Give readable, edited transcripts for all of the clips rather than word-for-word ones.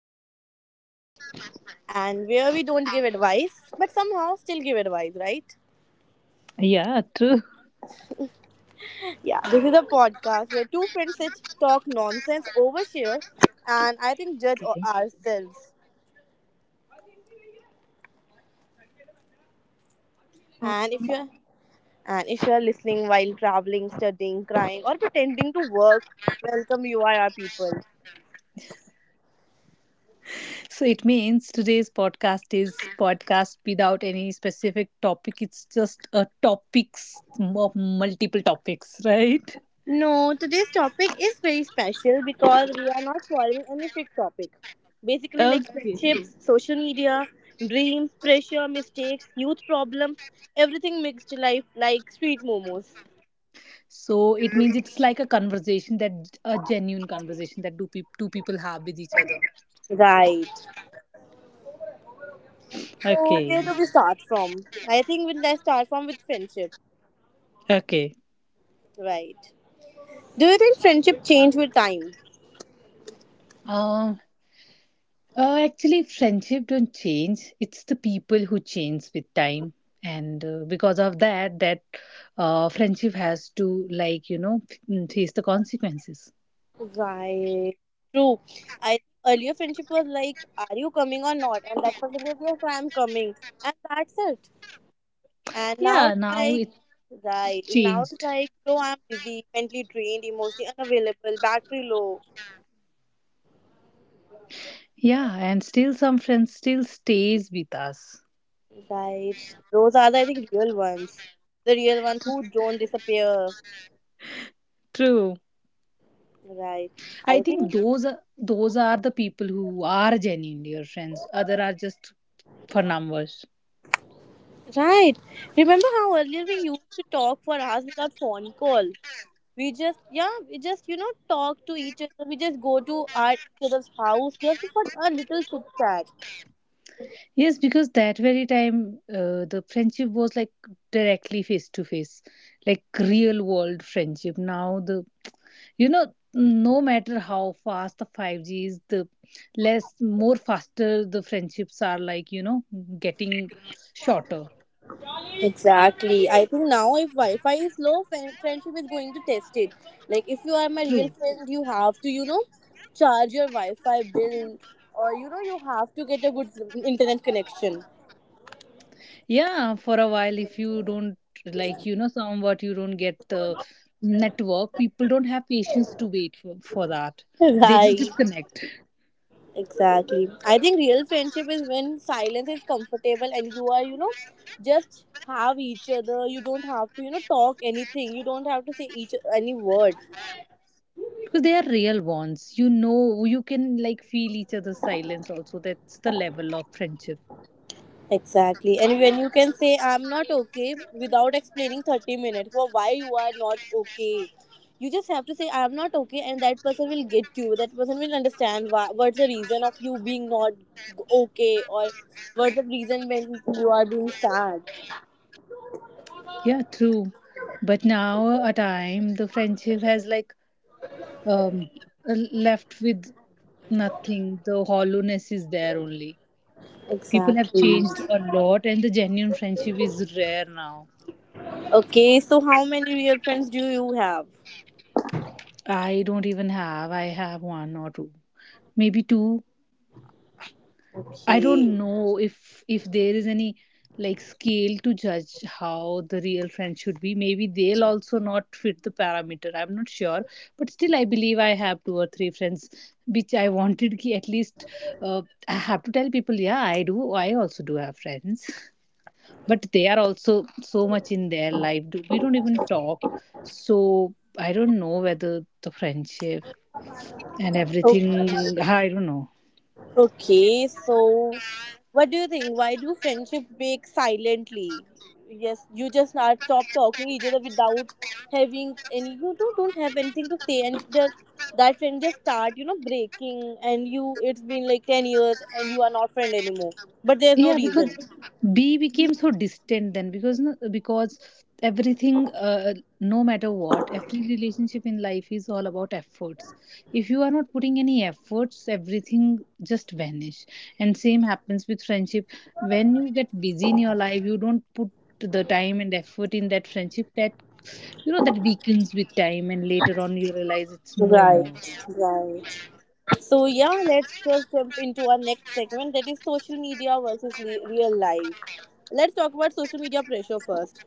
filter, just friends, and where we don't give advice, but somehow still give advice, right? Yeah, true. Yeah, this is a podcast where two friends sit, talk nonsense, overshare, and I think Okay. ourselves. So, And if me- you're and if you're listening while traveling, studying, crying, or pretending to work, welcome, you are our people. So it means today's podcast is podcast without any specific topic. It's just a topics of multiple topics, right? No, today's topic is very special because we are not following any fixed topic. Basically, like Okay. friendships, social media, dreams, pressure, mistakes, youth problems, everything mixed to life like street momos. So it means it's like a genuine conversation that two people have with each other. Right. So Okay. where do we start from? I think we'll let's start from with friendship. Okay. Right. Do you think friendship change with time? Um. Actually, friendship don't change. It's the people who change with time, and because of that friendship has to like face the consequences. Right. True. I earlier friendship was like, are you coming or not? And that person said, yes, I am coming, and that's it. And now Yeah, it's now like, it's right, now it's changed. like, though I'm busy, mentally drained, emotionally unavailable, battery low. Yeah, and still some friends still stays with us. Right. Those are the, I think, real ones. The real ones who don't disappear. True. Right. I I think think, those are the people who are genuinely your friends. Other are just for numbers. right. Remember how earlier we used to talk for hours without phone call? We just, yeah, you know, talk to each other. We just go to our each other's house just for a little chit chat. Yes, because that very time the friendship was like directly face to face, like real world friendship. Now the you know no matter how fast the 5G is, the less more faster the friendships are like getting shorter. Exactly. I think now if Wi-Fi is low, friendship is going to test it. Like if you are my real True. friend, you have to, you know, charge your Wi-Fi bill or you know you have to get a good internet connection. Yeah, for a while if you don't like somewhat you don't get the network, people don't have patience to wait for that. They just Right. disconnect. Exactly. I think real friendship is when silence is comfortable and you are, you know, just have each other. You don't have to, you know, talk anything. You don't have to say each any word. Because they are real ones, you can like feel each other's silence also. That's the level of friendship. Exactly. And when you can say, I'm not okay without explaining 30 minutes for why you are not okay. You just have to say, I'm not okay, and that person will get you. That person will understand why, what's the reason of you being not okay, or what's the reason when you are being sad. Yeah, true, but now a time the friendship has like um uh, left with nothing. The hollowness is there only. People have Exactly. changed a lot, and the genuine friendship is rare now. Okay, so how many real friends do you have? I don't even have. I have one or two, maybe two. I don't Okay. know if there is any like scale to judge how the real friend should be. Maybe they'll also not fit the parameter. I'm not sure, but still, I believe I have two or three friends which I wanted. Ki at least uh, I have to tell people, yeah, I do. I also do have friends, but they are also so much in their life. We don't even talk, so I don't know whether the friendship and everything. I don't know. Okay, so what do you think? Why do friendship break silently? Yes, you just not stop talking each other without having any you don't have anything to say, and the that friend just start, you know, breaking and you it's been like 10 years and you are not friend anymore. But there's no Yeah, because reason. b became so distant then because everything no matter what, every relationship in life is all about efforts. If you are not putting any efforts, everything just vanish, and same happens with friendship. When you get busy in your life, you don't put the time and effort in that friendship. That weakens with time, and later on you realize it's no Right, more. right. So yeah, let's just jump into our next segment, that is social media versus real life. Let's talk about social media pressure first.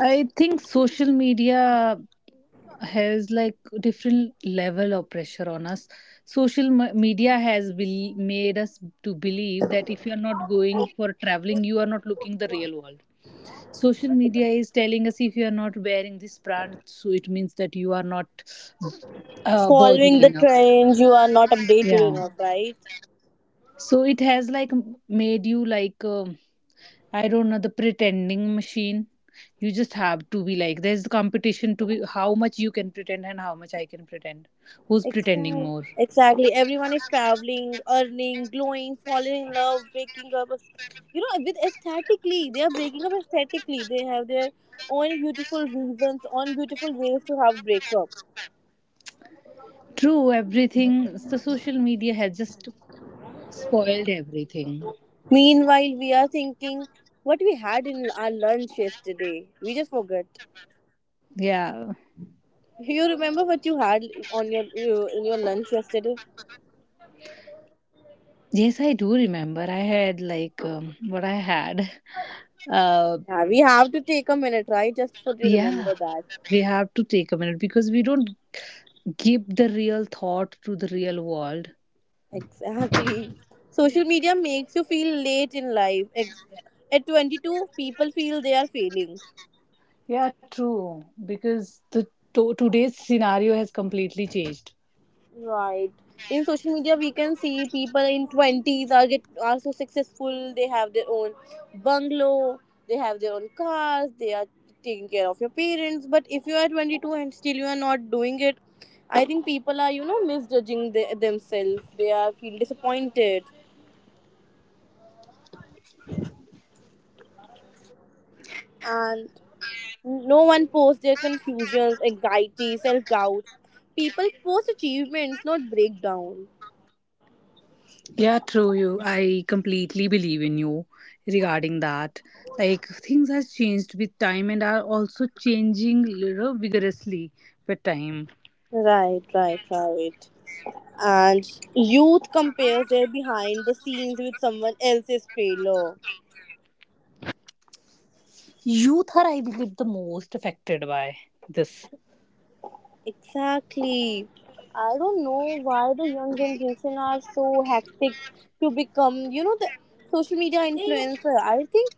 I think social media has like different level of pressure on us. Social media has bel made us to believe that if you are not going for traveling, you are not looking the real world. Social media is telling us if you are not wearing this brand, so it means that you are not Following worthy the enough. trends, you are not updated Yeah. enough, right? So it has like made you like. I don't know, the pretending machine. You just have to be like, there's the competition to be how much you can pretend and how much I can pretend. Who's pretending Exactly, more? exactly. Everyone is traveling, earning, glowing, falling in love, breaking up, you know, with aesthetically. They are breaking up aesthetically. They have their own beautiful reasons, own beautiful ways to have breakup. True, everything, the social media has just spoiled everything. Meanwhile, we are thinking what we had in our lunch yesterday. We just forgot. Yeah. You remember what you had on your in your lunch yesterday? Yes, I do remember. I had like what I had. Uh, Yeah, we have to take a minute, right, just for to yeah. remember that. We have to take a minute because we don't give the real thought to the real world. Exactly. Social media makes you feel late in life. At 22, people feel they are failing. Yeah, true. Because the today's scenario has completely changed. Right. In social media, we can see people in 20s are so successful. They have their own bungalow. They have their own cars. They are taking care of your parents. But if you are 22 and still you are not doing it, I think people are, you know, misjudging the, themselves. They are feel disappointed, and no one posts their confusions, anxiety, self doubt. People post achievements, not breakdown. Yeah, true. You, I completely believe in you regarding that. Like things has changed with time and are also changing little vigorously with time. Right, right, right. And youth compares their behind the scenes with someone else's trailer. Youth are, I believe, the most affected by this. Exactly. I don't know why the young generation are so hectic to become, you know, the social media influencer. I think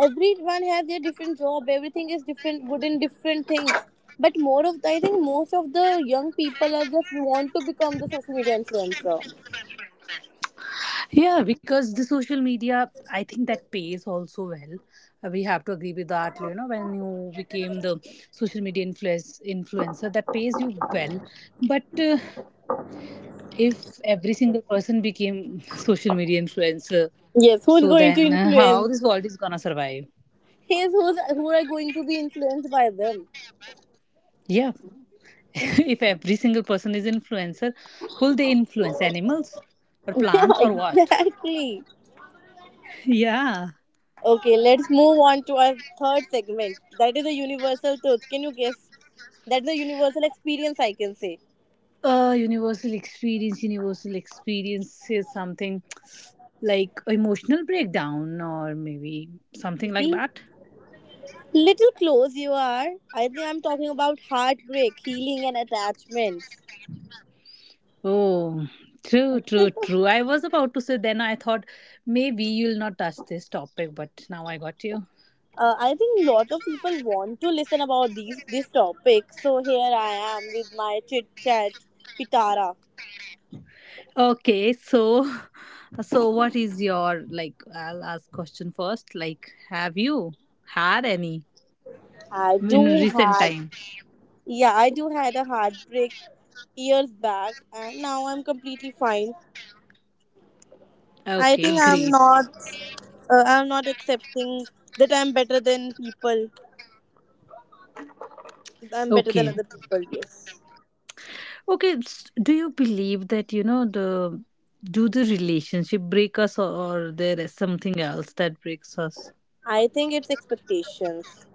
everyone has their different job, everything is different good in different things, but more of the, I think most of the young people are just want to become the social media influencer. Yeah, because the social media, I think that pays also well. We have to agree with that. You know, when you became the social media influencer, that pays you well. But if every single person became social media influencer. Yes, who's So going to then, how influence? this world is gonna survive? Yes, who are going to be influenced by them? Yeah, if every single person is influencer, who'll they influence? Animals or Yeah, plants or what? exactly. Yeah. Okay, let's move on to our third segment, that is the universal truth. Can you guess? That's the universal experience, I can say. Universal experience. Universal experience is something like emotional breakdown or maybe something like See, that. little close you are. I think I'm talking about heartbreak, healing, and attachments. Oh, true, true, true. I was about to say then I thought maybe you'll not touch this topic, but now I got you. I think lot of people want to listen about these this topic, so here I am with my chit chat pitara. Okay, so so what is your like I'll ask question first. Like have you had any I in do recent had. time? Yeah, I do had a heartbreak years back, and now I'm completely fine. I Okay, think great. I'm not accepting that I'm better than people. I'm better than Okay. other people. Yes, Okay, do you believe that the do the relationship break us, or there is something else that breaks us? I think it's expectations.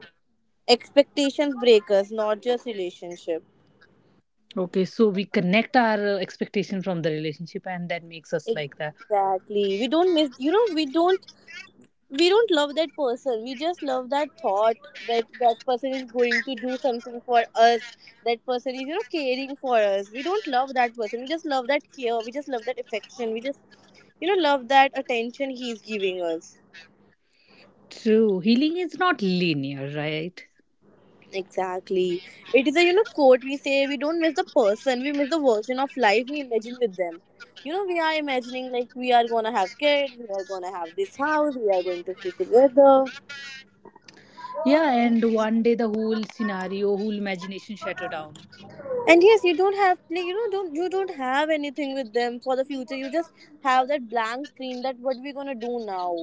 Expectations breakers, not just relationship. Okay, so we connect our expectation from the relationship and that makes us like that. Exactly. We don't miss, you know, we don't love that person. We just love that thought that that person is going to do something for us. That person is, you know, caring for us. We don't love that person. We just love that care. We just love that affection. We just, you know, love that attention he's giving us. True. Healing is not linear, right? Exactly. It is a, you know, quote we say, we don't miss the person, we miss the version of life we imagine with them. You know, we are imagining like we are gonna have kids, we are gonna have this house, we are going to stay together. Yeah, and one day the whole scenario, whole imagination shatter down. And yes, you don't have, like, you know, don't you don't have anything with them for the future. You just have that blank screen, that what we gonna do now.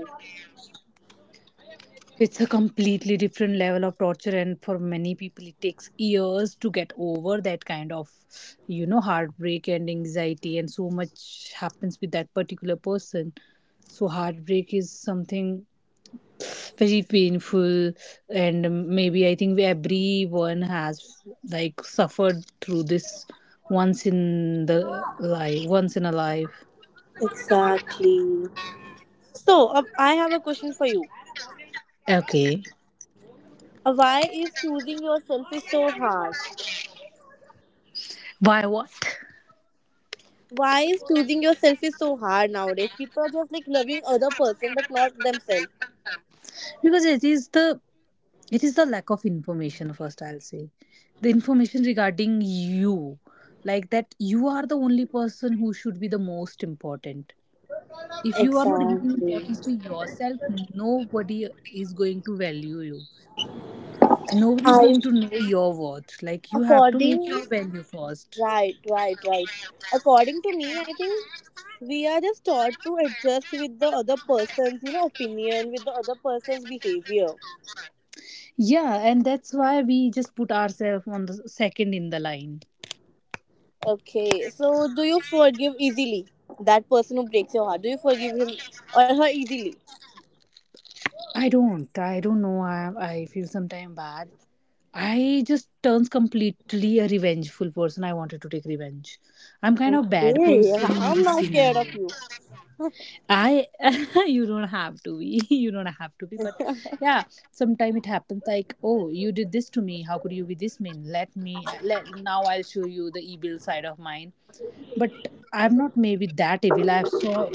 It's a completely different level of torture, and for many people, it takes years to get over that kind of, heartbreak and anxiety, and so much happens with that particular person. So, heartbreak is something very painful, and maybe I think everyone has like suffered through this once in the life, once in a life. Exactly. So I have a question for you. Okay. Why is choosing yourself is so hard? Why? What? Why is choosing yourself is so hard nowadays? People are just like loving other person but not themselves. Because it is the lack of information. First, I'll say the information regarding you, like that you are the only person who should be the most important. If you are not giving Exactly. importance to yourself, nobody is going to value you. Nobody is I going to know your worth. Like you have to make according your value first. right, right, right. According to me, I think we are just taught to adjust with the other person's, you know, opinion, with the other person's behavior. Yeah, and that's why we just put ourselves on the second in the line. Okay, so do you forgive easily that person who breaks your heart? Do you forgive him or her easily? I don't. I don't know. I feel sometimes bad. I just turns completely a revengeful person. I wanted to take revenge. I'm kind of bad Okay, person in I'm this now scared of scenario. you. I you don't have to be. You don't have to be. But yeah, sometimes it happens like, oh, you did this to me. How could you be this mean? Let now I'll show you the evil side of mine. But I'm not maybe that evil. I've saw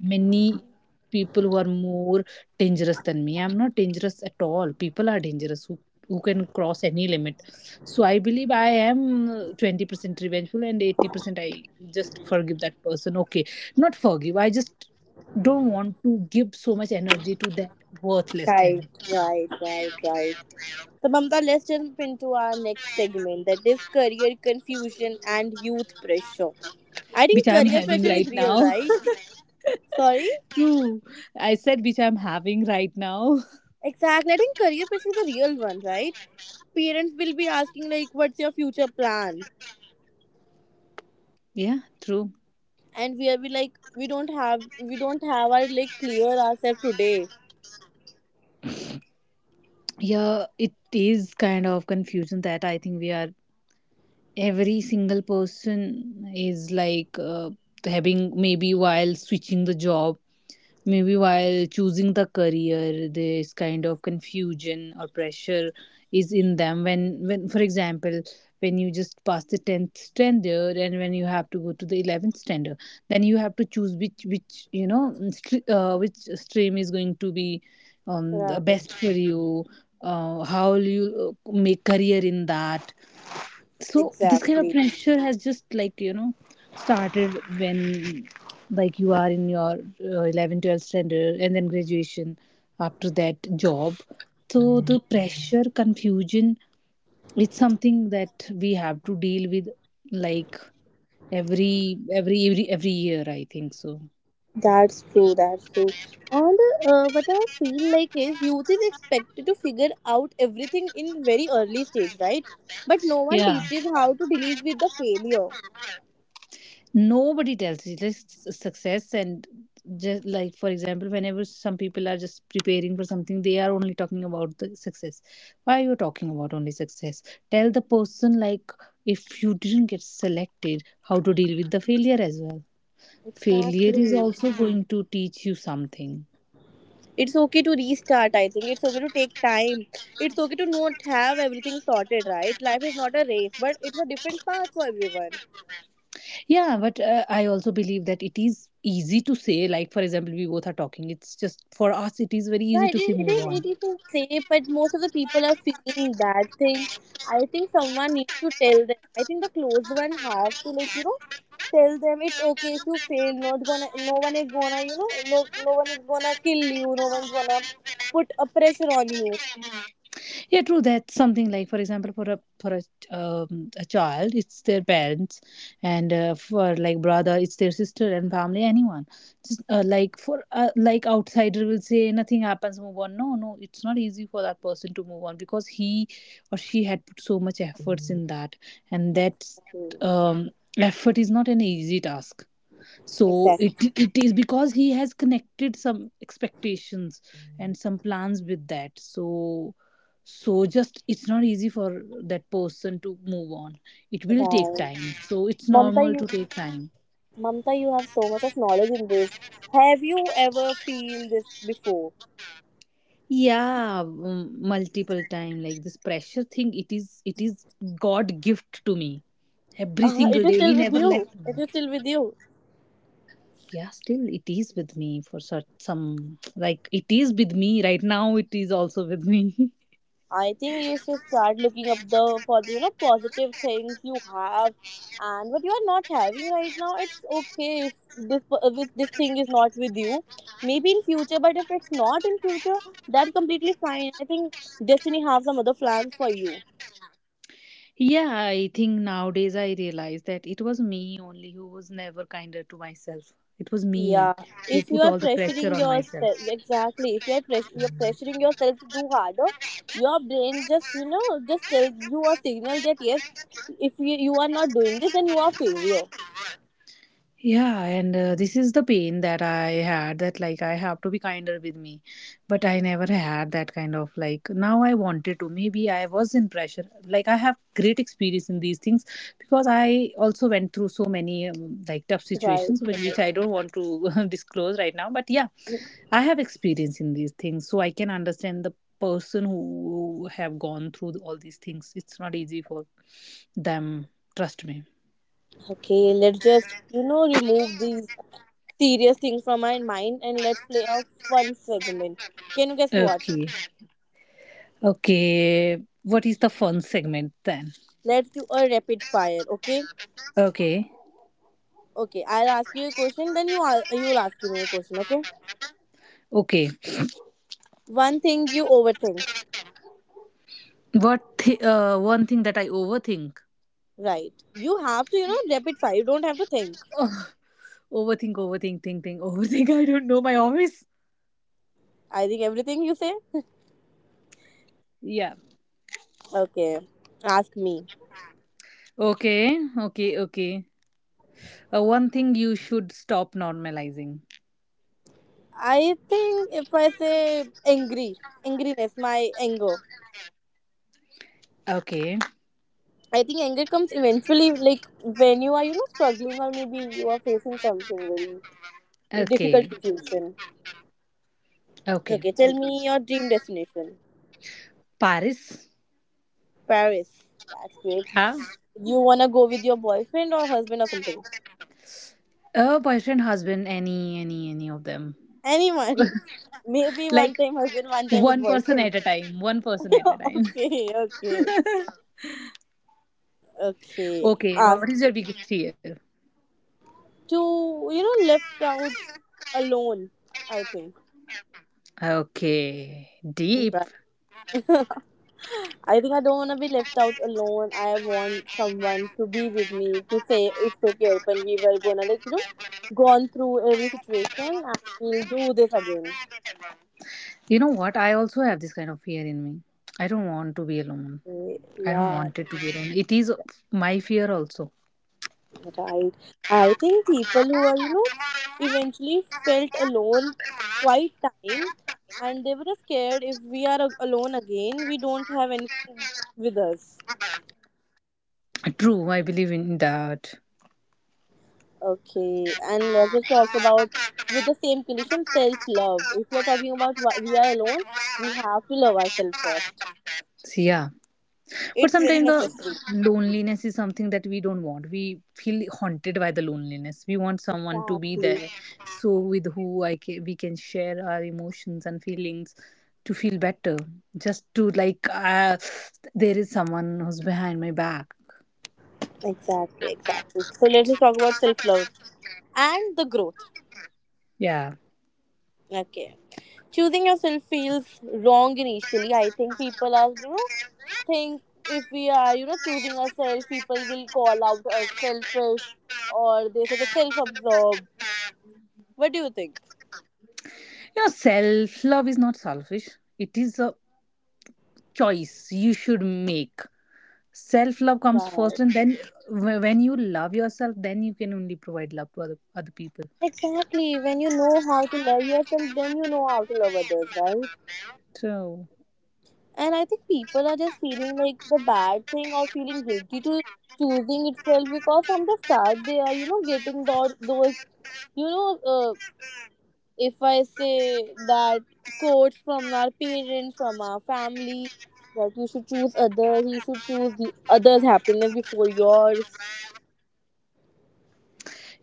many people who are more dangerous than me. I'm not dangerous at all. People are dangerous who can cross any limit. So I believe I am 20% revengeful and 80%. I just forgive that person. Okay, not forgive, I just don't want to give so much energy to that worthless Right, thing. right, right, right. So, Mamta, let's jump into our next segment, that is career confusion and youth pressure. I Which think I'm career having pressure is right real, now. right? Sorry? True. I said which I'm having right now. Exactly. I think career pressure is a real one, right? Parents will be asking like, "What's your future plan?" Yeah, true. And we are be like, we don't have our like clear ourselves today." Yeah, it is kind of confusion that I think we are every single person is like having, maybe while switching the job. Maybe while choosing the career, this kind of confusion or pressure is in them. When, for example, when you just pass the 10th standard and when you have to go to the 11th standard, then you have to choose which stream is going to be the Right. best for you. How will you make career in that? So this kind of Exactly. pressure has just like started when like you are in your 11 12 standard and then graduation, after that job. So the pressure confusion, it's something that we have to deal with, like every every year I think so. That's true. That's true. And what I feel like is youth is expected to figure out everything in very early stage, right? But no one Yeah, teaches how to deal with the failure. nobody tells you like success and just like for example whenever some people are just preparing for something, they are only talking about the success. Why are you talking about only success? Tell the person like if you didn't get selected, how to deal with the failure as well. Failure is Exactly. also going to teach you something. It's okay to restart, I think. It's okay to take time. It's okay to not have everything sorted, right? Life is not a race, but it's a different path for everyone. Yeah, but I also believe that it is easy to say, like for example we both are talking, it's just for us it is very easy Right, to say it move is, on. it is to say, but most of the people are feeling that thing. I think someone needs to tell them. I think the close one have to, like, you know, tell them it's okay if you fail, not gonna, no one is gonna, you know, no one is gonna kill you, no one's gonna put a pressure on you. Yeah, true. That's something like, for example, for a child, it's their parents, and for like brother, it's their sister and family, anyone. Just like for like outsider will say nothing happens, move on. No, no, it's not easy for that person to move on because he or she had put so much efforts in that, and that Exactly. um effort is not an easy task. So it Exactly. it is because he has connected some expectations and some plans with that, so just it's not easy for that person to move on. It will take Right. time, so it's Mamta, normal to you take time. Mamta, you have so much of knowledge in this. Have you ever feel this before? Yeah, multiple time like this pressure thing, it is god gift to me. Every It single is day he still with never you. left. It is still with you. Yeah, still it is with me for such some like it is with me right now, it is also with me. I think you should start looking up the for the, you know, positive things you have and what you are not having right now. It's okay if this, if this thing is not with you. Maybe in future, but if it's not in future, that's completely fine. I think destiny has some other plans for you. Yeah, I think nowadays I realize that it was me only who was never kinder to myself. It was me Yeah, who if you put are all the pressure pressuring on myself. yourself, exactly. If you are pressure, you're pressuring yourself to do harder. Your brain just, you know, just tells you a signal that yes, if you are not doing this, then you are failure. Yeah, and this is the pain that I had that like I have to be kinder with me. But I never had that kind of like now I wanted to. Maybe I was in pressure. Like I have great experience in these things because I also went through so many like tough Right, situations which, right. which I don't want to disclose right now. But yeah, I have experience in these things, so I can understand the person who have gone through all these things. It's not easy for them. Trust me. Okay, let's just, you know, remove these serious things from my mind and let's play a fun segment. Can you guess what? Okay. Okay. What is the fun segment then? Let's do a rapid fire. Okay. Okay. Okay. I'll ask you a question, then you'll ask me a question. Okay. Okay. One thing you overthink. One thing that I overthink? Right. You have to, you know, rapid fire. You don't have to think. Oh, overthink. I don't know my office. I think everything you say. Yeah. Okay. Ask me. Okay. Okay. Okay. One thing you should stop normalizing. I think if I say angry, angriness, my anger. Okay. I think anger comes eventually, like when you are, you know, struggling or maybe you are facing something very difficult Okay. situation. Okay. Okay, tell me your dream destination. Paris. Paris. That's great. Have You wanna go with your boyfriend or husband or something? a boyfriend, husband, any of them. Anyone. Maybe one Like time husband, one time with one person boyfriend. at a time. One person at a time. Okay, okay, okay. Okay, what is Ask your biggest fear? to you know left out alone. I think Okay, deep. right. I think I don't want to be left out alone. I want someone to be with me to say it's okay. When we were gonna like gone through every situation and we'll do this again. You know what? I also have this kind of fear in me. I don't want to be alone. Okay, I don't yeah, want it to be alone. It is my fear also. right. I think people who are, eventually felt alone quite time, and they were scared if we are alone again, we don't have anything with us. True, I believe in that. Okay. And let's just talk about with the same condition self love. If we are talking about we are alone, we have to love ourselves first. So, yeah. But It's very sometimes the necessary. loneliness is something that we don't want. We feel haunted by the loneliness. We want someone to be Exactly. there, so with who I can, we can share our emotions and feelings to feel better. Just to like, there is someone who's behind my back. Exactly. Exactly. So let's just talk about self love and the growth. Yeah, Okay. Choosing yourself feels wrong initially. I think people are, think if we are, choosing ourselves, people will call out us selfish or they say just self absorbed. What do you think? you know, self love is not selfish. It is a choice you should make. Self love comes Right. first, and then when you love yourself, then you can only provide love to other people. Exactly. When you know how to love yourself, then you know how to love others, right? So. And I think people are just feeling like the bad thing or feeling guilty to choosing itself because from the start they are, getting those you know, uh, if I say that quotes from our parents, from our family, that you should choose others, you should choose the others' happiness before yours,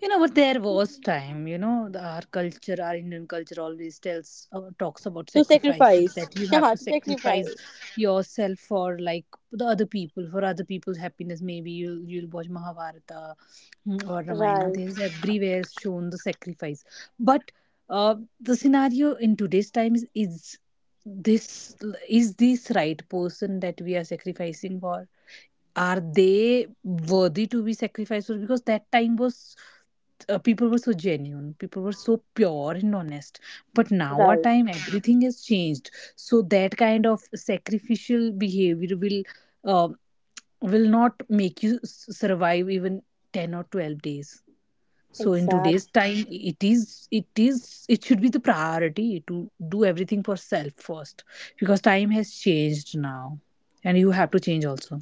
You know what? There was time. You know, the, our culture, our Indian culture, always tells talks about to sacrifice. sacrifice. That you have Yeah, to to sacrifice sacrifice. yourself for like the other people, for other people's happiness. Maybe you'll watch Mahabharata, mm, or Ramayana. Right, There's everywhere shown the sacrifice. But uh, the scenario in today's time is, this is this right person that we are sacrificing for, are they worthy to be sacrificed? Because that time was, people were so genuine, people were so pure and honest, but now our right, time, yeah, everything has changed, so that kind of sacrificial behavior will, uh, will not make you survive even 10 or 12 days. So in exactly. today's time, it is it is it should be the priority to do everything for self first, because time has changed now and you have to change also.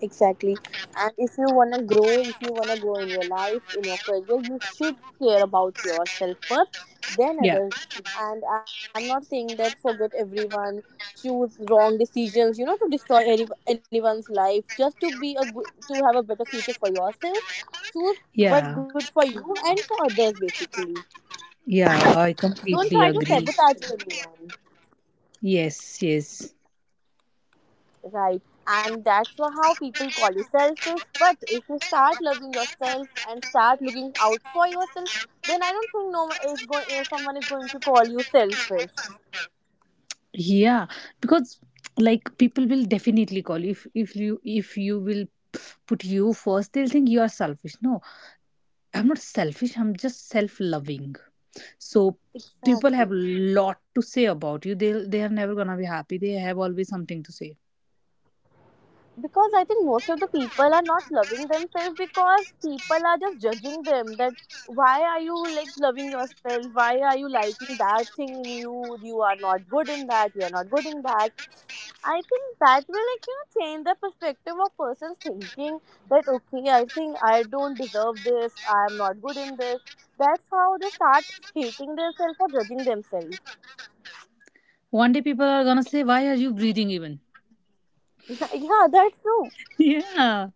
Exactly. And if you want to grow, if you want to grow in your life, in your career, you should care about yourself first, then Yeah, others. And I'm not saying that forget everyone, choose wrong decisions, to destroy any, anyone's life, just to be a good, to have a better future for yourself. Choose what's yeah. good for you and for others, basically. Yeah, I Don't completely try to agree. sabotage anyone. Yes, yes. Right. And that's how people call you selfish. But if you start loving yourself and start looking out for yourself, then I don't think no one is going. Someone is going to call you selfish. Yeah, because like people will definitely call you, if you, if you will put you first, they'll think you are selfish. No, I'm not selfish. I'm just self-loving. So people have Exactly. lot to say about you. They are never gonna be happy. They have always something to say. Because I think most of the people are not loving themselves because people are just judging them that why are you like loving yourself? Why are you liking that thing in you? You are not good in that. You are not good in that. I think that will like change the perspective of person's thinking that okay, I think I don't deserve this. I am not good in this. That's how they start hating themselves or judging themselves. One day people are gonna say, "Why are you breathing even?" Yeah, that's true. Yeah,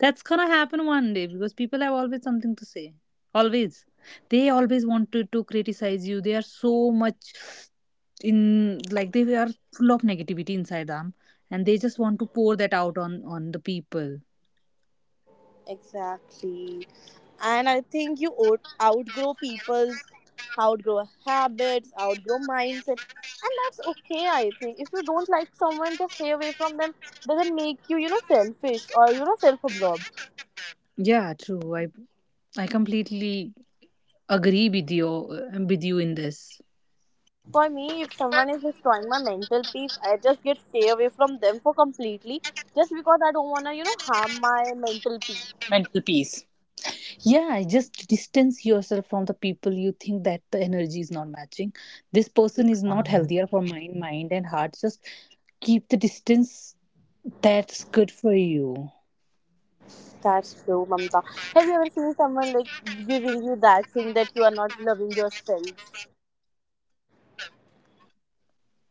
that's gonna happen one day because people have always something to say. Always. They always wanted to criticize you. They are so much in like they are full of negativity inside them, and they just want to pour that out on the people. Exactly. And I think you outgrow people's, outgrow habits, outgrow mindset. And that's okay, I think. If you don't like someone, just stay away from them. Doesn't make you, selfish or, self absorbed. Yeah, true. I completely agree with you in this. For me, if someone is destroying my mental peace, I just get stay away from them for completely just because I don't want to, harm my mental peace. Mental peace. Yeah, just distance yourself from the people you think that the energy is not matching. This person is not healthier for mind and heart. Just keep the distance, that's good for you. That's true, Mamta. Have you ever seen someone like giving you that thing that you are not loving yourself?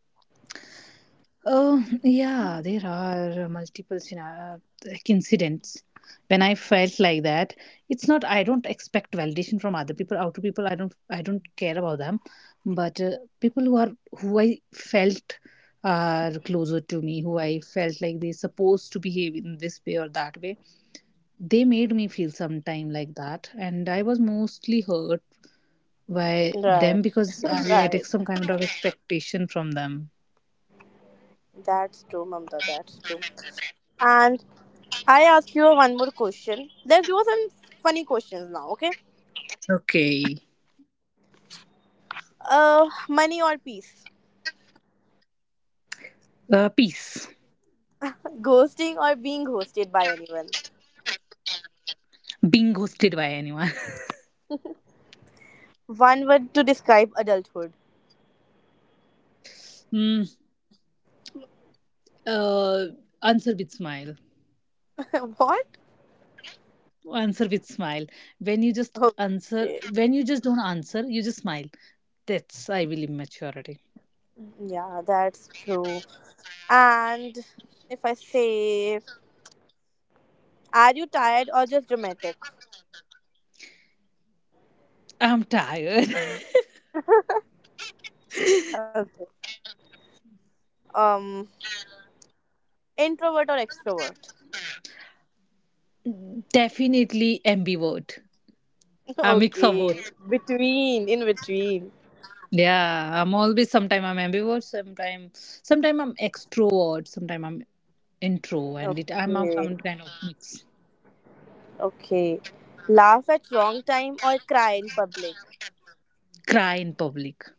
Oh, yeah, there are multiple like incidents when I felt like that. It's not, I don't expect validation from other people, outer people. I don't care about them, but people who are, who I felt are closer to me, who I felt like they supposed to behave in this way or that way. They made me feel sometime like that, and I was mostly hurt by Right. them because Right. I had some kind of expectation from them. That's true, Mamta. That's true. And I ask you one more question. Let's do some funny questions now, okay? Okay. Money or peace? Peace. Ghosting or being ghosted by anyone? Being ghosted by anyone. One word to describe adulthood. Mm, uh, answer with smile. What? Answer with smile. When you just answer, Okay. when you just don't answer, you just smile. That's, I believe, maturity. Yeah, that's true. And if I say, are you tired or just dramatic? I'm tired. Okay. Um, Introvert or extrovert? Definitely ambivert. A mix of Okay. both. Between, in between. Yeah, I'm always, sometimes I'm ambivert, sometimes, sometimes I'm extrovert, sometimes I'm intro, and it I'm i Okay. I'm kind of mix. Okay. Laugh at wrong time or cry in public. Cry in public.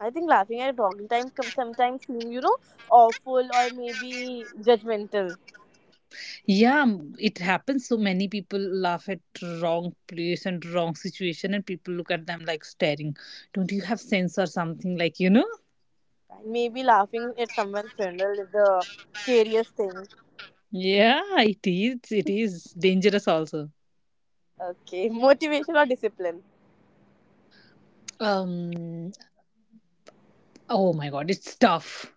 I think laughing at wrong time sometimes seem, awful or maybe judgmental. Yeah, it happens. So many people laugh at wrong place and wrong situation, and people look at them like staring. Don't you have sense or something? Like, you know? Maybe laughing at someone's funeral is the scariest thing. Yeah, it is. It is dangerous also. Okay. Motivation or discipline? Um. Oh my God, it's tough.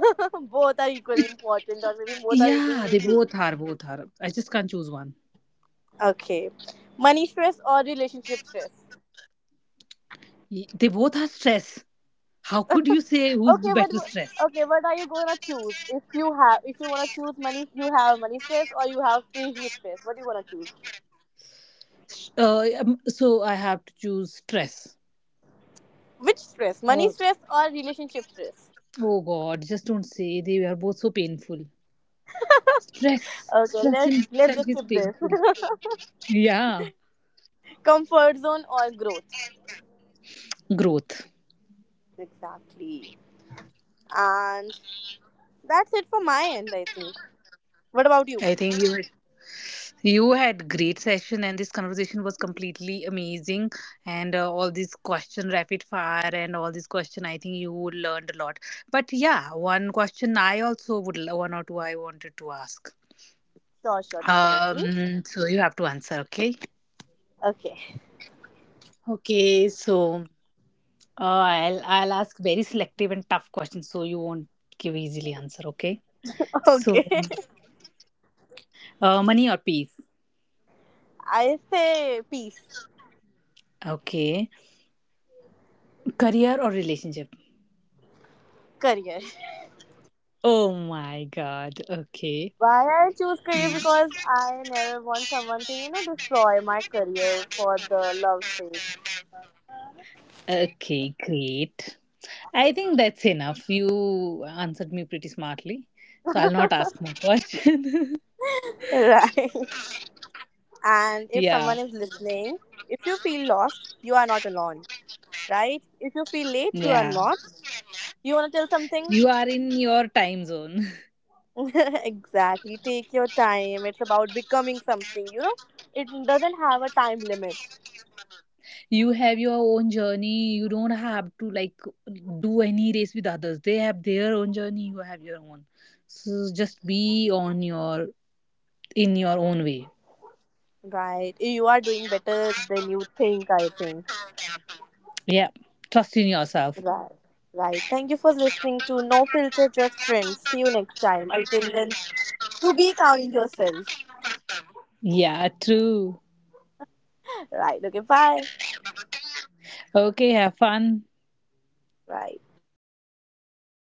Both are equally It- important or maybe both are Yeah, equally they needed. both are. Both are. I just can't choose one. Okay. Money stress or relationship stress? They both are stress. How could you say who's the Okay, but better stress? okay, what are you gonna choose? If you have, if you wanna choose money, you have money stress or you have relationship stress. What do you wanna choose? So I have to choose stress. Which stress? Money Uh, stress or relationship stress? oh God, just don't say, they are both so painful. Okay, Stress in let's itself just is skip this. painful. Yeah, Comfort zone or growth? growth. Exactly. And that's it for my end, I think. What about you? I think you had great session and this conversation was completely amazing, and all these question rapid fire and all these question, I think you learned a lot. But yeah, one question I also would, one or two I wanted to ask. Sure, sure, definitely. So you have to answer, okay? Okay, Okay, so I'll ask very selective and tough questions so you won't give easily answer, okay? So, okay. Money or peace? I say peace, Okay. Career or relationship? career. Oh my god. Okay. Why I choose career Mm. because I never want someone to, destroy my career for the love's sake. Okay, great. I think that's enough. You answered me pretty smartly. So I'll not ask more questions. Right. And if Yeah. someone is listening, if you feel lost, you are not alone. Right? If you feel late, you are Yeah. not. You want to tell something? You are in your time zone. Exactly. Take your time. It's about becoming something, you know? It doesn't have a time limit. You have your own journey, you don't have to like do any race with others, they have their own journey, you have your own. So just be on your, in your own way. Right. You are doing better than you think, I think. Yeah, trust in yourself. Right. Right. Thank you for listening to No Filter, Just Friends. See you next time. Until then, do be kind yourself. Yeah, true. Right. Okay. Bye. Okay, have fun. Right.